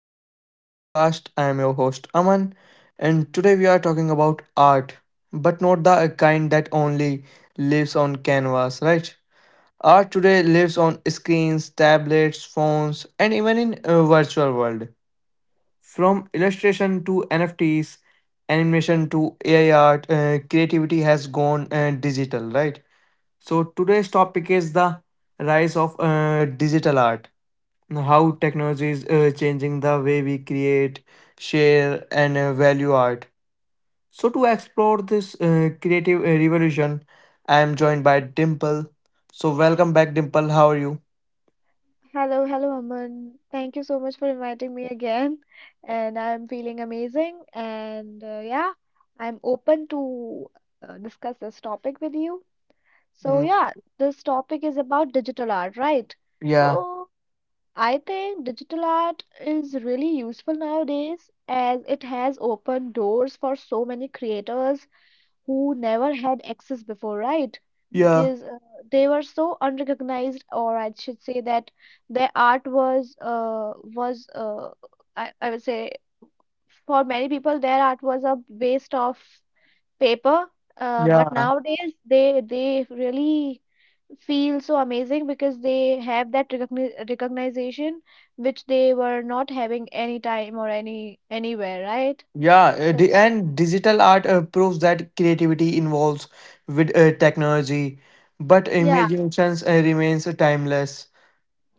Growth Talk podcast. I am your host Aman, and today we are talking about art, but not the kind that only lives on canvas, right? Art today lives on screens, tablets, phones, and even in a virtual world. From illustration to NFTs, animation to AI art, creativity has gone digital, right? So today's topic is the rise of digital art, how technology is changing the way we create, share, and value art. So, to explore this creative revolution, I am joined by Dimple. So, welcome back, Dimple. How are you? Hello, hello, Aman. Thank you so much for inviting me again. And I'm feeling amazing. And yeah, I'm open to discuss this topic with you. So, Mm, yeah, this topic is about digital art, right? yeah, So, I think digital art is really useful nowadays as it has opened doors for so many creators who never had access before, right? yeah, Because they were so unrecognized, or I should say that their art was I would say for many people their art was a waste of paper. But yeah, nowadays they really feel so amazing because they have that recognition which they were not having any time or any anywhere, right? yeah. uh, So di- and digital art proves that creativity involves with technology, but yeah. imaginations remains timeless.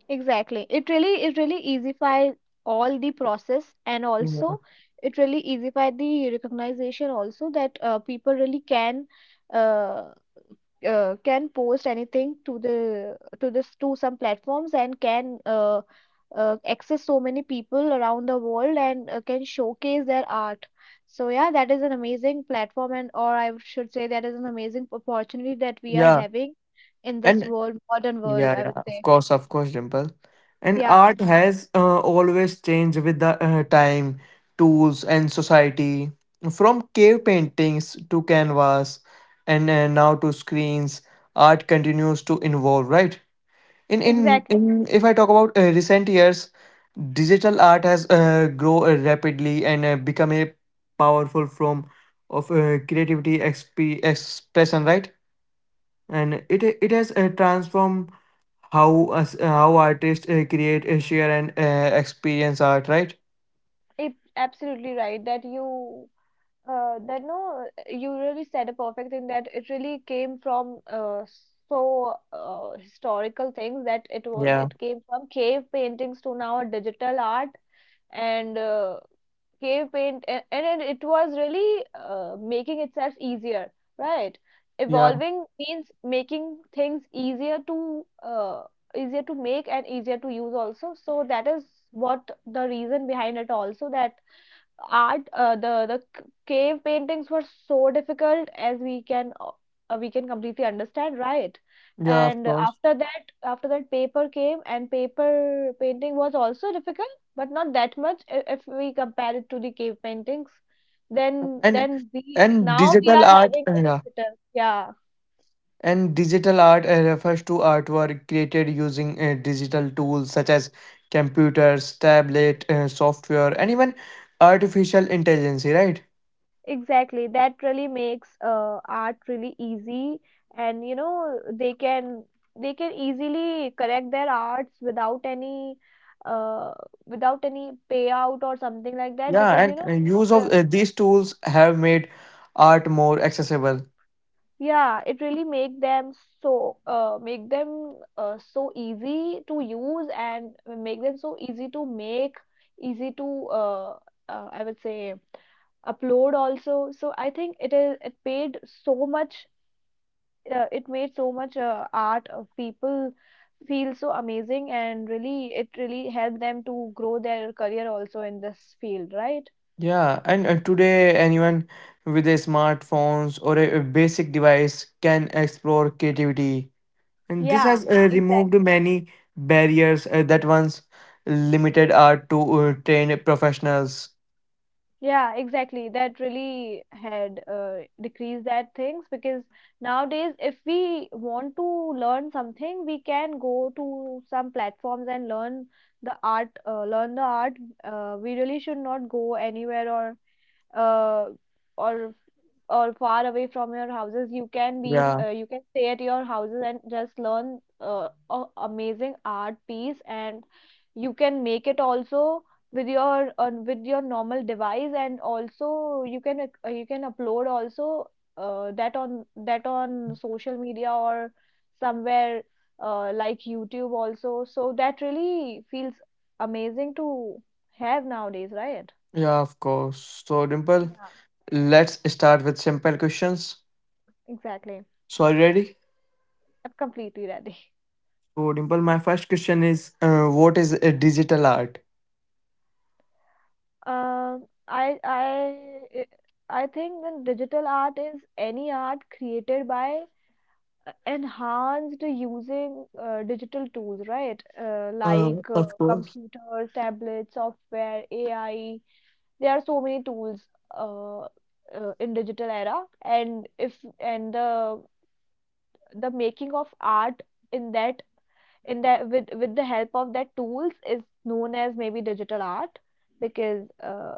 Exactly. It really easify all the process and Yeah, also it really easify the recognition also that people really can uh, can post anything to the to this to some platforms and can access so many people around the world and can showcase their art. So yeah, that is an amazing platform and or I should say that is an amazing opportunity that we are yeah. having in this and world, modern world, Yeah, I yeah, would say. Of course, Dimple. And Yeah. art has always changed with the time, tools, and society. From cave paintings to canvas, and now to screens, art continues to evolve, right? Exactly. In if I talk about recent years, digital art has grown rapidly and become a powerful form of creativity expression, right? And it has transformed how artists create, share, and experience art, right? It's absolutely right that you that no you really said a perfect thing that it really came from historical things that it was Yeah, it came from cave paintings to now a digital art and cave paint and it was really making itself easier, right? yeah, Evolving means making things easier to easier to make and easier to use also, so that is what the reason behind it also, that art, the cave paintings were so difficult, as we can completely understand, right? yeah. Of And course. after that paper came and paper painting was also difficult but not that much, if we compare it to the cave paintings. then And then we and now we digital are art. having this Yeah. digital, yeah. And digital art refers to artwork created using digital tools such as computers, tablet, software, and even artificial intelligence, right? Exactly. That really makes art really easy, and you know they can easily correct their arts without any uh, without any payout or something like that Yeah, because you and know use of uh, these tools have made art more accessible. yeah, it really make them so easy to use and make them so easy to make, easy to I would say upload also. So I think it is, it paid so much, it made so much art of people feel so amazing, and really it really helped them to grow their career also in this field, right? Yeah, and today anyone with a smartphones or a basic device can explore creativity, and this Yeah, has removed exactly. many barriers that once limited art to trained professionals. Yeah, exactly, that really had decreased that things because nowadays if we want to learn something we can go to some platforms and learn the art, learn the art. We really should not go anywhere or uh, or or far away from your houses. You can be Yeah, you can stay at your houses and just learn a amazing art piece, and you can make it also with your with your normal device, and also you can you can upload also that on that on social media or somewhere like YouTube also, so that really feels amazing to have nowadays, right? yeah, of course. So, Dimple, Yeah, let's start with simple questions. exactly. So, are you ready? I'm completely ready. So, Dimple, my first question is, what is a digital art? I I think that digital art is any art created by enhanced using digital tools, right? Uh, like uh, Of course. computers, tablets, software, AI. There are so many tools uh, in digital era, and if and the making of art in that, in the, with the help of that tools is known as maybe digital art, because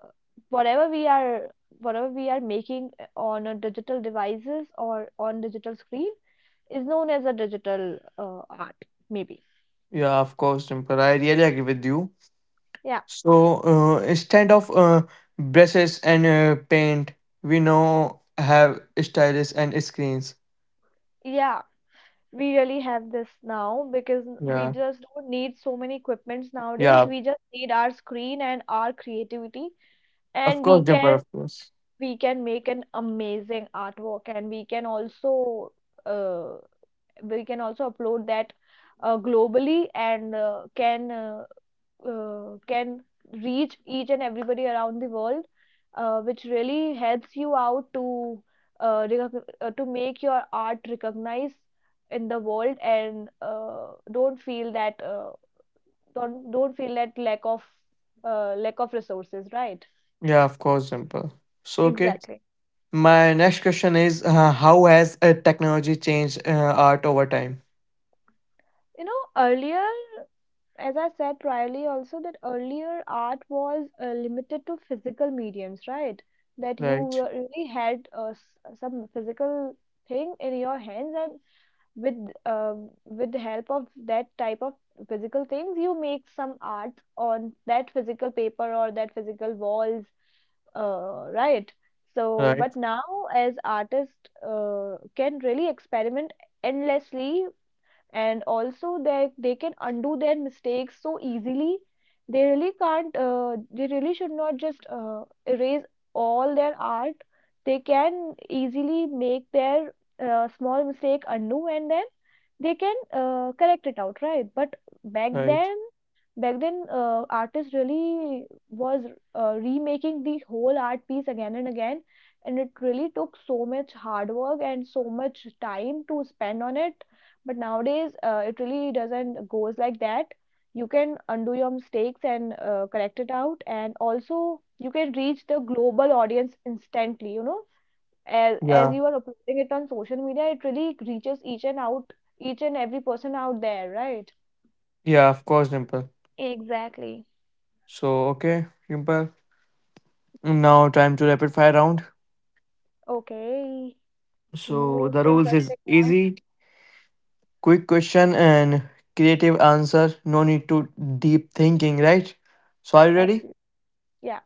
whatever we are whatever we are making on a digital devices or on digital screen is known as a digital art, maybe. Yeah, of course, Dimple. I really agree with you. Yeah, So instead of brushes and paint, we now have stylus and screens. yeah, we really have this now because we Yeah, just don't need so many equipments nowadays. yeah, We just need our screen and our creativity, of and we course, Dimple, can of course. we can make an amazing artwork, and uh, we can also upload that globally, and can reach each and everybody around the world, which really helps you out to to make your art recognized in the world, and don't feel that don't feel that lack of resources, right? Yeah, of course, Dimple. So, okay, Exactly. my next question is how has technology changed art over time? You know, earlier, as I said priorly also, that earlier art was limited to physical mediums, right? That you Right, really had some physical thing in your hands, and with the help of that type of physical things, you make some art on that physical paper or that physical walls, right? So, right, but now, as artists can really experiment endlessly, and also that they can undo their mistakes so easily. They really can't, they really should not just erase all their art. They can easily make their small mistake undo, and then they can correct it out, right? But back right. then back then, artist really was, remaking the whole art piece again and again, and it really took so much hard work and so much time to spend on it. But nowadays it really doesn't goes like that. You can undo your mistakes and correct it out, and also you can reach the global audience instantly, you know, as Yeah, you are uploading it on social media, it really reaches each and out, each and every person out there, right? yeah, of course, Dimple. Exactly. So, okay, Dimple, now time to rapid fire round. Okay, the So, the most rules is interesting now. easy. Quick question and creative answer. No need to deep thinking, right? So are you ready? Absolutely. Yeah,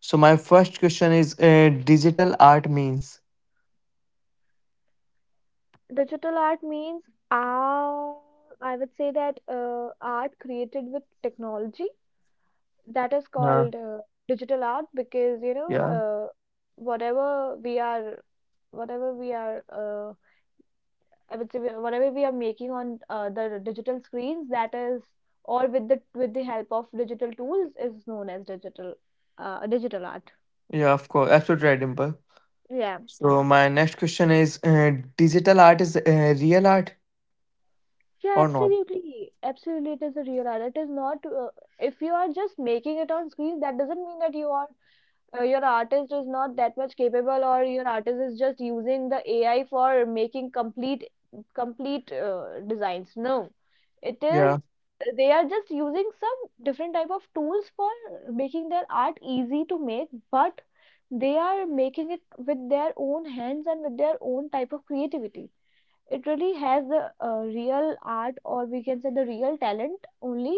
So my first question is digital art means. digital art means uh, I would say that art created with technology, that is Uh, called digital art, because you know yeah. Whatever we are whatever we are I would say, whatever we are making on the digital screens, that is, or with the, with the help of digital tools, is known as digital digital art. Yeah, of course. Absolutely right, Dimple. Yeah, So my next question is digital art is real art yeah, or not? absolutely, absolutely. It is a real art. It is not if you are just making it on screen, that doesn't mean that you are your artist is not that much capable, or your artist is just using the AI for making complete designs. No, it is, Yeah, they are just using some different type of tools for making their art easy to make, but they are making it with their own hands and with their own type of creativity. It really has the real art, or we can say the real talent only.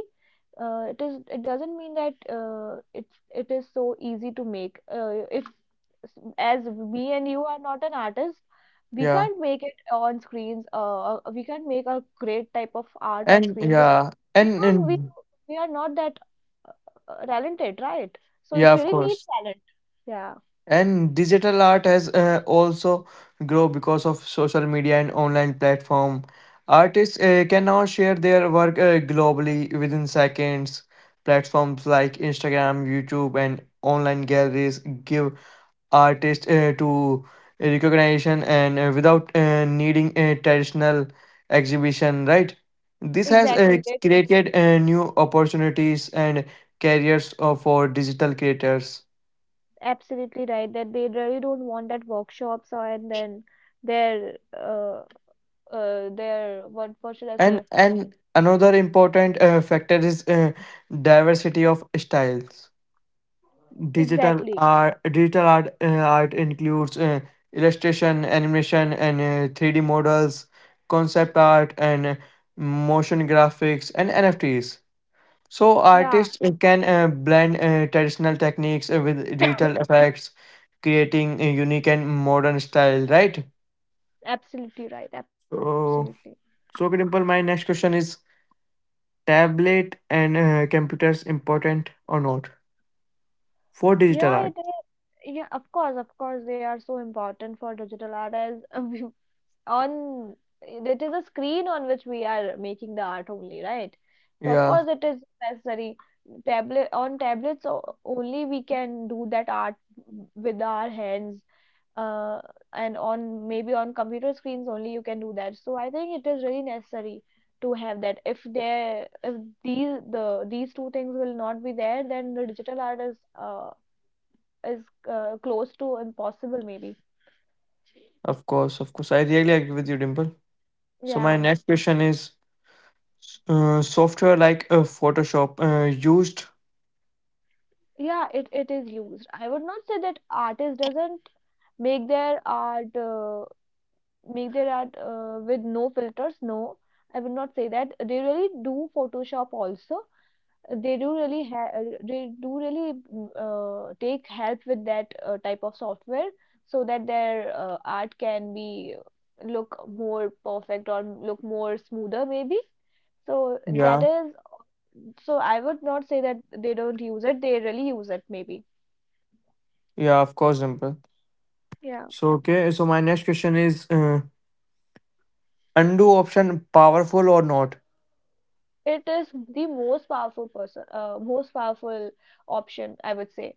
It is, it doesn't mean that it's it is so easy to make. If, as me and you are not an artist, we yeah. can't make it on screens. We can't make a great type of art on And screens because yeah, we and, don't and we are not that talented, right? So it yeah, of really needs course. talent. Yeah, And digital art has also grow because of social media and online platform. Artists can now share their work globally within seconds. Platforms like Instagram, YouTube and online galleries give artists to recognition and without needing a traditional exhibition, right? This has exactly, created new opportunities and careers for digital creators. absolutely right, that they really don't want that workshops or and then their their, what should I and say? and another important factor is diversity of styles. digital Exactly. art digital art uh, art includes illustration, animation and 3D models, concept art and motion graphics and NFTs. So Yeah, artists can blend traditional techniques with digital effects, creating a unique and modern style, right? absolutely right. Absolutely. So so simple, my next question is tablet and computers important or not for digital Yeah, art? it is. Yeah, of course, they are so important for digital art as we, on, it is a screen on which we are making the art only, right? So of Yeah, course it is necessary. Tablet on tablets only we can do that art with our hands, uh, and on maybe on computer screens only you can do that. So I think it is really necessary to have that. If there, if these the these two things will not be there, then the digital art is is close to impossible, maybe. of course, of course. I really agree with you, Dimple. So my Yeah, next question is, software like Photoshop used? yeah, it is used. I would not say that artist doesn't make their art, make their art with no filters. No, I would not say that. They really do photoshop also. They do really, they do really take help with that type of software so that their art can be look more perfect or look more smoother, maybe. So that Yeah, is, so I would not say that they don't use it. They really use it, maybe. yeah, of course, Dimple. Yeah. So okay, so my next question is undo option powerful or not? It is the most powerful person most powerful option, I would say.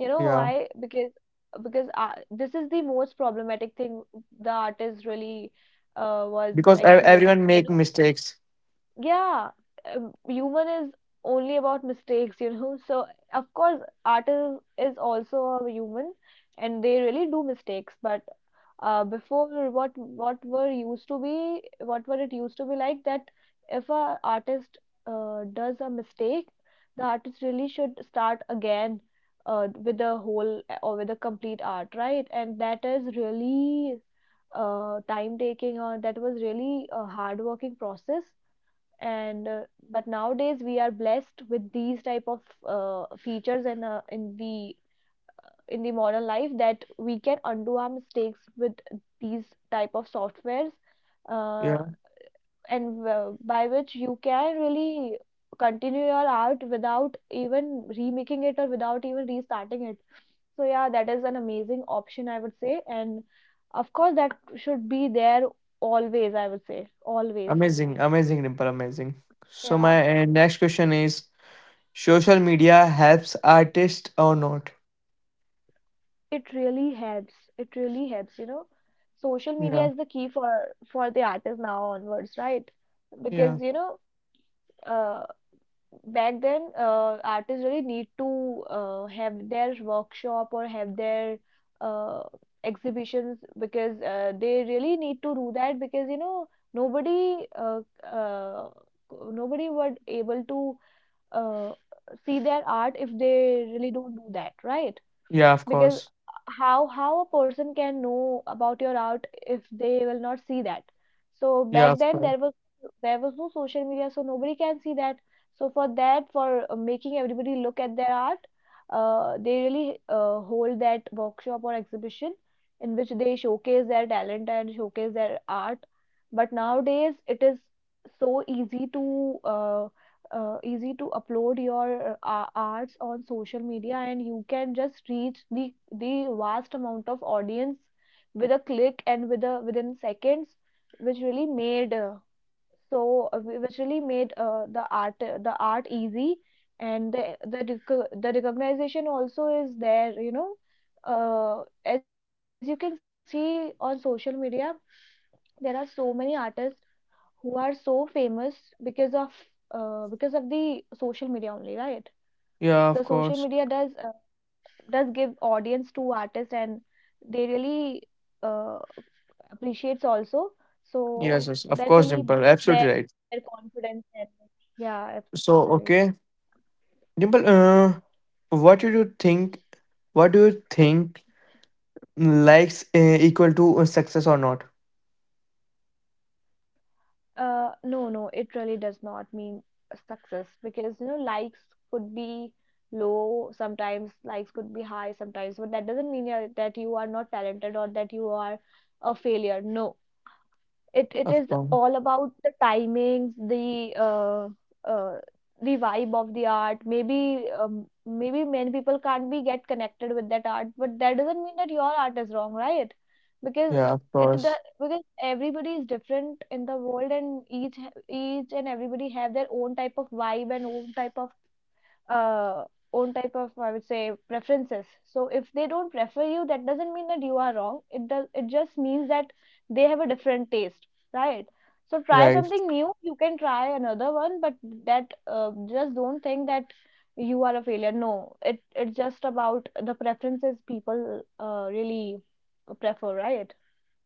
You know Yeah, why? Because this is the most problematic thing the artist really was because everyone experiencing. You make mistakes. know, yeah, human is only about mistakes. You know, so of course, artist is also a human, and they really do mistakes. But before what were used to be what were it used to be like that if a artist does a mistake, the artist really should start again with the whole or with the complete art, right? And that is really time taking, or that was really a hard working process. And But nowadays we are blessed with these type of features, and in the modern life, that we can undo our mistakes with these type of softwares. Uh, Yeah, and By which you can really continue your art without even remaking it or without even restarting it. So yeah, that is an amazing option, I would say, and of course that should be there always, I would say always. amazing, amazing, Dimple, amazing. So Yeah, my next question is, social media helps artists or not? it really helps, it really helps, you know. Social media Yeah, is the key for the artist now onwards, right? yeah, Because you know, uh, back then artists really need to have their workshop or have their uh, exhibitions, because they really need to do that because, you know, nobody nobody would able to uh, see their art if they really don't do that, right? yeah, of Because course. how a person can know about your art if they will not see that? So Yeah, back of then course. There was no social media, so nobody can see that. So for that, for making everybody look at their art, they really hold that workshop or exhibition, in which they showcase their talent and showcase their art. But nowadays it is so easy to uh, easy to upload your arts on social media, and you can just reach the vast amount of audience with a click and within seconds, which really made so which really made the art easy. And the recognition also is there, you know. As you can see on social media, there are so many artists who are so famous because of the social media only, right? The Yeah, social of media course. Does give audience to artists, and they really uh, appreciates also. So Yes, yes, of that course, really Dimple. boosts Absolutely their right. confidence. And yeah, absolutely, So, yeah. okay, Dimple, what do you think? What do you think likes equal to success or not? No, no, it really does not mean success, because you know, likes could be low sometimes, likes could be high sometimes, but that doesn't mean you're- that you are not talented or that you are a failure. No, it it Of is course. all about the timings, uh, the vibe of the art, maybe. Maybe many people can't be get connected with that art, but that doesn't mean that your art is wrong, right? because Yeah, of it the course. Because everybody is different in the world, and each and everybody have their own type of vibe and own type of uh, own type of, I would say, preferences. So if they don't prefer you, that doesn't mean that you are wrong. It does. It just means that they have a different taste, right? So try Right, something new. You can try another one, but that just don't think that you are a failure. No, it it's just about the preferences people really prefer, right?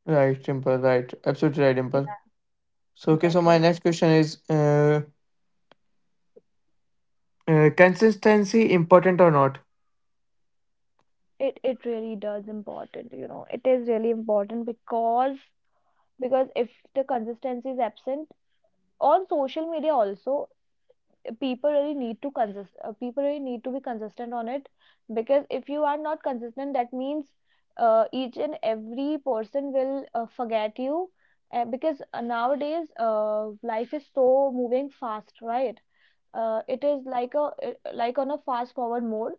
right, Dimple, right. Absolutely right, Yeah, Dimple. So, okay, so my exactly. next question is consistency important or not? It really does important, you know. It is really important, because if the consistency is absent on social media also, people really need to consist people really need to be consistent on it. Because if you are not consistent, that means each and every person will forget you, because nowadays life is so moving fast, right? It is like a like on a fast forward mode.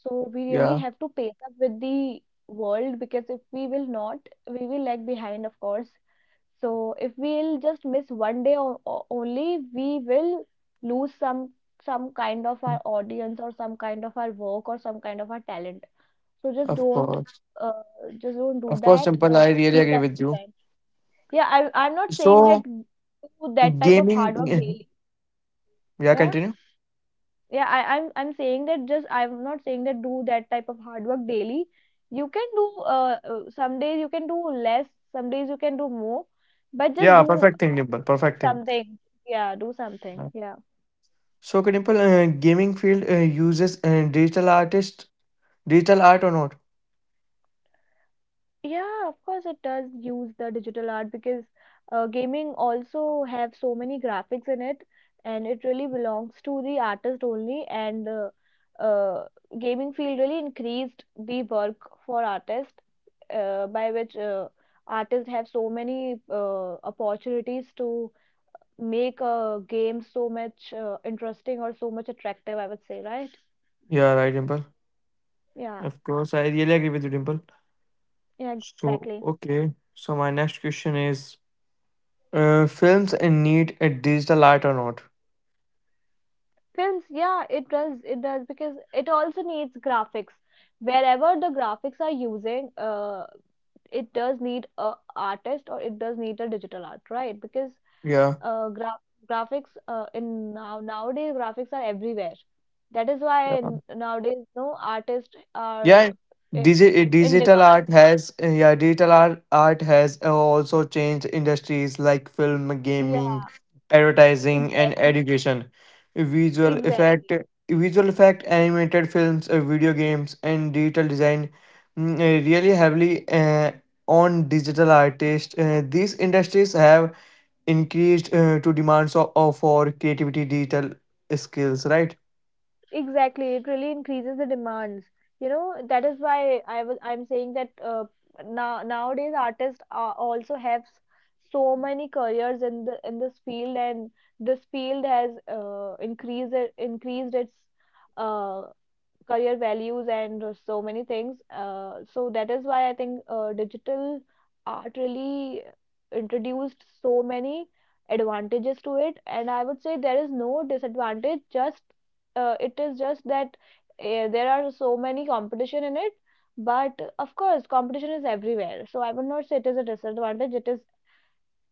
So we really Yeah, have to pace up with the world, because if we will not, we will lag behind, of course. So if we'll just miss one day only, we will lose some kind of our audience, or some kind of our work, or some kind of our talent. So of course. uh, just don't do Of course, that. Dimple, I really Be agree with you. consistent. Yeah, I I'm not saying that So do that type of gaming hard work daily. Yeah, Yeah. continue. Yeah, I'm saying that just I'm not saying that do that type of hard work daily. You can do some days you can do less, some days you can do more, but just Yeah, do. perfect thing, Dimple. Do Perfect thing. something. Yeah, do something. Yeah. So, okay, Dimple, gaming field uses digital artist, digital art or not? Yeah, of course it does use the digital art, because gaming also have so many graphics in it, and it really belongs to the artist only. And uh, Gaming field really increased the work for artists, by which artists have so many opportunities to make a game so much interesting or so much attractive, I would say, right? Yeah, right, Dimple. Yeah, Of course, I really agree with you, Dimple. yeah, exactly. So, okay. So, my next question is, films need a digital art or not? Films, yeah, it does, it does, because it also needs graphics. Wherever the graphics are using, it does need a artist, or it does need a digital art, right? Because Yeah. uh, gra graphics in now nowadays graphics are everywhere. That is why nowadays no artists yeah are i- digi- eh, in digital demand. art has eh, yeah digital art has also changed industries like film, gaming, Yeah, advertising and exactly, education. visual effect exactly. Visual effect, animated films, video games and digital design really heavily on digital artists. These industries have increased to demands of for creativity digital skills, right? Exactly, it really increases the demands. You know, that is why I'm saying that nowadays artists are also have so many careers in the in this field, and this field has increased its uh, career values and so many things. So that is why I think digital art really introduced so many advantages to it. And I would say there is no disadvantage. Just it is just that there are so many competition in it. But of course, competition is everywhere. So I would not say it is a disadvantage.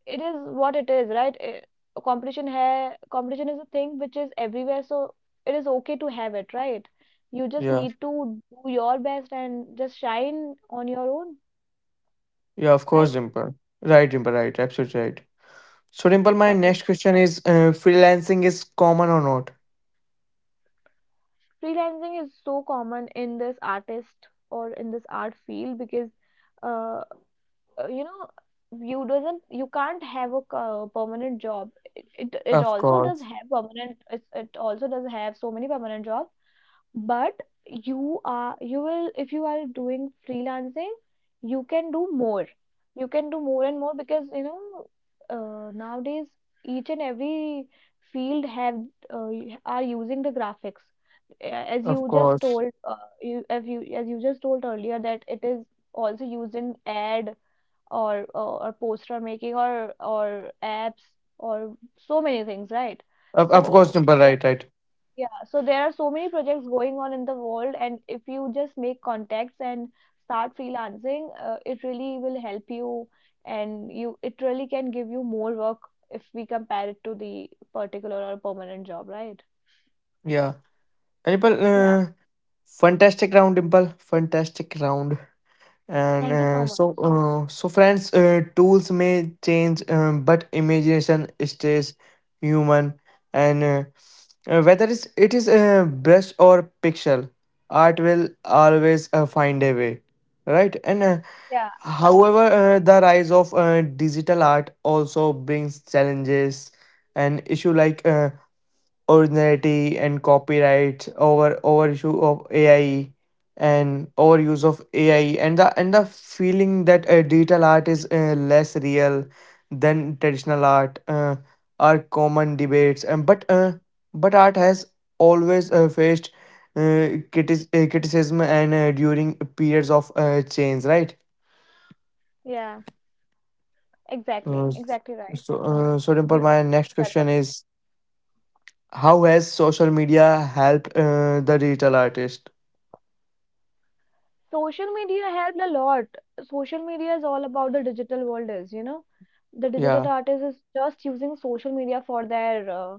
It is what it is, right? Competition hai, competition is a thing which is everywhere, so it is okay to have it, right? You just Yeah, need to do your best and just shine on your own, yeah, of course, right? Dimple, right, Dimple, right, absolutely right. So, Dimple, my Exactly. next question is freelancing is common or not? Freelancing is so common in this artist, or in this art field, because uh, you know, you can't have a permanent job. It Of also does course. have permanent. It also does have so many permanent jobs, but you will, if you are doing freelancing, you can do more, you can do more and more, because you know nowadays each and every field have are using the graphics. As Of you just course. told you, as you as you just told earlier, that it is also used in or poster making, or apps, or so many things, right? Of course, So Dimple, right, right. yeah, so there are so many projects going on in the world, and if you just make contacts and start freelancing, it really will help you, and you it really can give you more work if we compare it to the particular or permanent job, right? Yeah. And Dimple, Yeah. Fantastic round, Dimple. Fantastic round. And Thank you so much. so, so friends, tools may change, but imagination stays human. And whether it is a brush or pixel, art will always find a way, right? And Yeah, However, the rise of digital art also brings challenges and issue like originality and copyright over issue of AI and overuse of AI and the feeling that digital art is less real than traditional art are common debates. But but art has always faced uh, criticism and during periods of change, right? yeah, Uh, exactly, s- exactly right, so, Aman. So Dimple, You my just next said about question is, how has social media helped the digital artist? social media helped a lot. Social media is all about the digital world, is, you know, the digital Yeah, artist is just using social media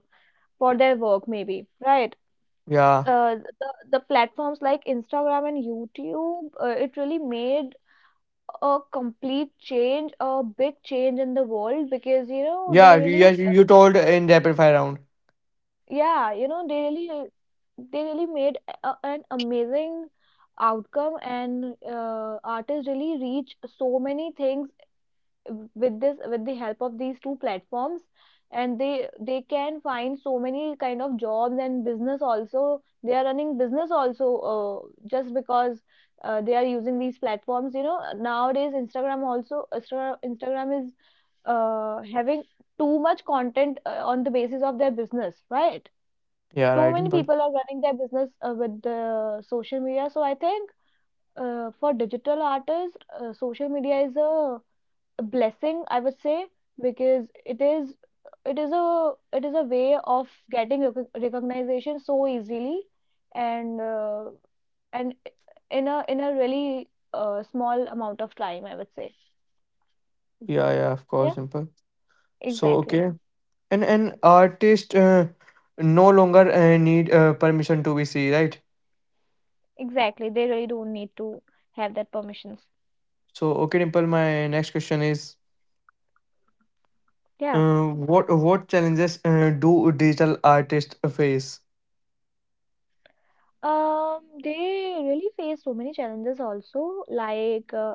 for their work, maybe, right? yeah, The platforms like Instagram and YouTube, it really made a complete change, a big change in the world, because you know they yeah. You, yeah, really you told in rapid fire round. yeah you know they really they really made an amazing outcome, and artists really reach so many things with this, with the help of these two platforms. And they can find so many kind of jobs, and business also, they are running business also, just because they are using these platforms. You know, nowadays Instagram also, Instagram is having too much content on the basis of their business, right? Yeah, So right, many Dimple. people are running their business with the social media. So I think for digital artists, social media is a blessing, I would say, because it is a it is a way of getting recognition so easily, and and in a really small amount of time, I would say. Yeah, yeah, of Yeah, course, Dimple. So exactly. okay, and an artist no longer need permission to be seen, right? Exactly. They really don't need to have that permissions. So okay, Dimple. My next question is, Yeah. uh, what challenges do digital artists face? They really face so many challenges also, like uh,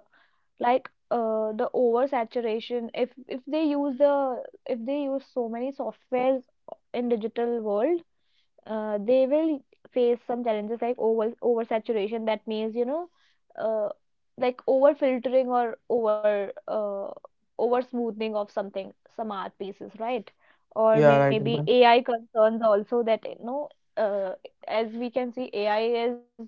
like uh, the oversaturation. If they use the, if they use so many softwares in digital world, they will face some challenges like oversaturation. That means, you know, uh, like over filtering or over smoothing of something, some art pieces, right? Or Yeah, right, maybe Dimple. AI concerns also, that you know, uh, as we can see, AI is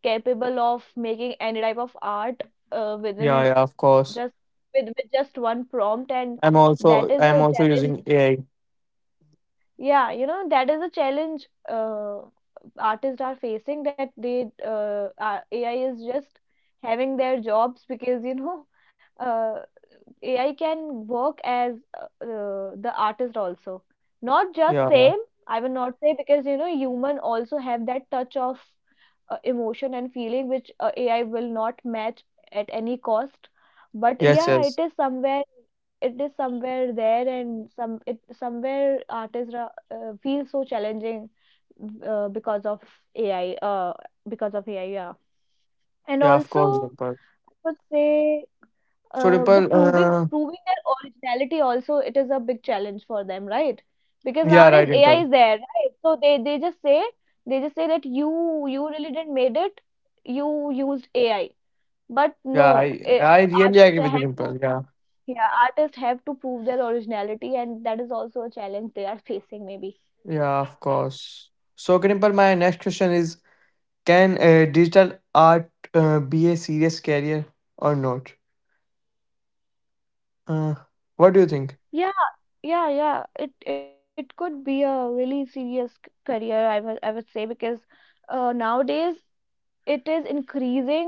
capable of making any type of art Yeah, yeah, within of course. just with just one prompt. And that is I'm a also challenge. using AI. Yeah, you know, that is a challenge, artists are facing, that they AI is just having their jobs, because you know, uh, AI can work as the artist also. Not just Yeah. same, I will not say, because you know, human also have that touch of emotion and feeling, which AI will not match at any cost. But Yes, yeah, it yes. is somewhere, it is somewhere there, and somewhere artists feel so challenging, uh, because of AI uh, because of AI, yeah. And Yeah, of course, also, Dimple. I would say So the Dimple, proving proving their originality also, it is a big challenge for them, right? Because yeah, nowadays right, AI Dimple. is there, right? So they they just say that you really didn't made it, you used AI. But Yeah, no, eh, I really artists agree with you, have to Dimple. Yeah. yeah artists have to prove their originality, and that is also a challenge they are facing, maybe. Yeah, of course. So okay, Dimple, my next question is, can digital art be a serious career or not? Uh, what do you think? Yeah, yeah, yeah. It could be a really serious career, I would say, because nowadays it is increasing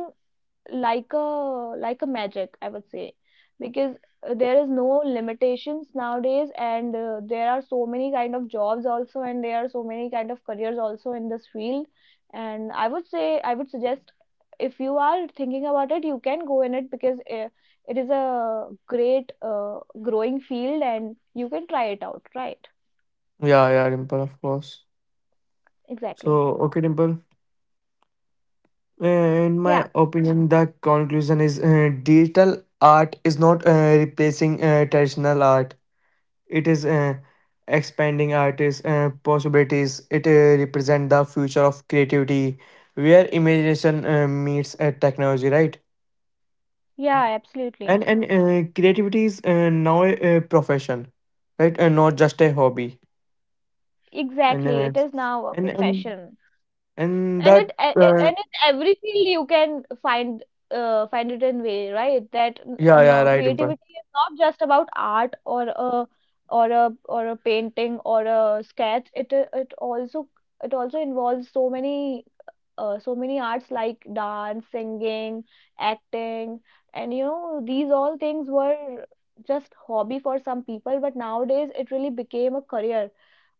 like a magic, I would say, because there is no limitations nowadays, and there are so many kind of jobs also, and there are so many kind of careers also in this field. And I would say, I would suggest, if you are thinking about it, you can go in it, because it is a great growing field, and you can try it out, right? Yeah, yeah, Dimple, of course. So, Exactly. okay, Dimple. Uh, Yeah, In my opinion, the conclusion is digital art is not replacing traditional art. It is expanding artists' possibilities. It represents the future of creativity, where imagination meets technology, right? yeah, absolutely. And creativity is now a profession, right? And not just a hobby. And Exactly, uh, it is now a and and profession. and And that and in every field you can find find it in way, right? That yeah, yeah, no, right, Dimple. creativity is not just about art, or a or a painting, or a sketch. It also involves so many so many arts, like dance, singing, acting, and you know, these all things were just hobby for some people, but nowadays it really became a career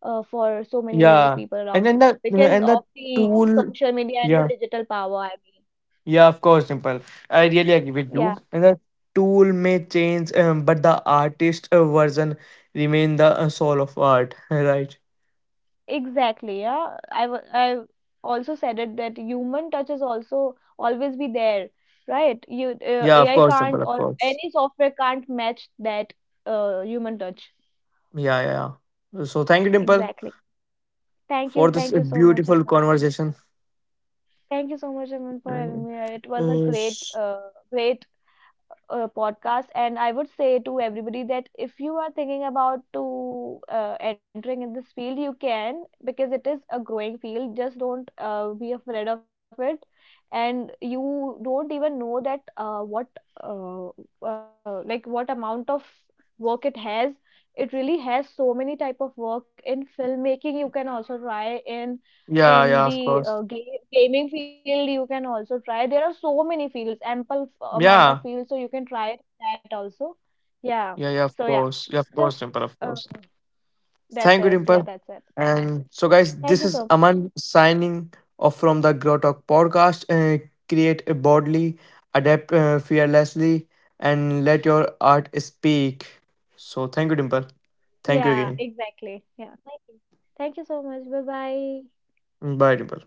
for so many Yeah, people and around then us, the because and the of the tool. social media and the Yeah. digital power. I mean, Yeah, of course, Dimple. I really agree with you. yeah, And the tool may change, but the artist version remain the soul of art, right? exactly. Yeah, I also said it, that human touch is also always be there, right? You Yeah, of AI course, can't, Dimple. Of or course. any software can't match that human touch. Yeah, yeah, yeah. So thank you, Dimple, Exactly. For this Thank you so much, beautiful Aman. conversation. Thank you so much, Aman, for Mm. having me here. It was a Uh, great, s- podcast. And I would say to everybody that if you are thinking about to entering in this field, you can, because it is a growing field. Just don't be afraid of it. And you don't even know that what uh, like what amount of work it has. It really has so many type of work in filmmaking. You can also try in yeah, yeah, of course. Gaming field. You can also try. There are so many fields, ample amount Yeah, of fields, so you can try that also. Yeah. yeah, yeah, of So yeah, course. Yeah, of course, just Dimple, of uh, course. that's Thank you, it. Yeah, Dimple. that's it. And so, guys, this Thank you is so much. Aman signing off from the Grow Talk podcast. Create boldly, adapt fearlessly, and let your art speak. So, thank you, Dimple. Thank you Yeah, again. exactly. Yeah. Thank you. Thank you so much. Bye bye. Bye, Dimple.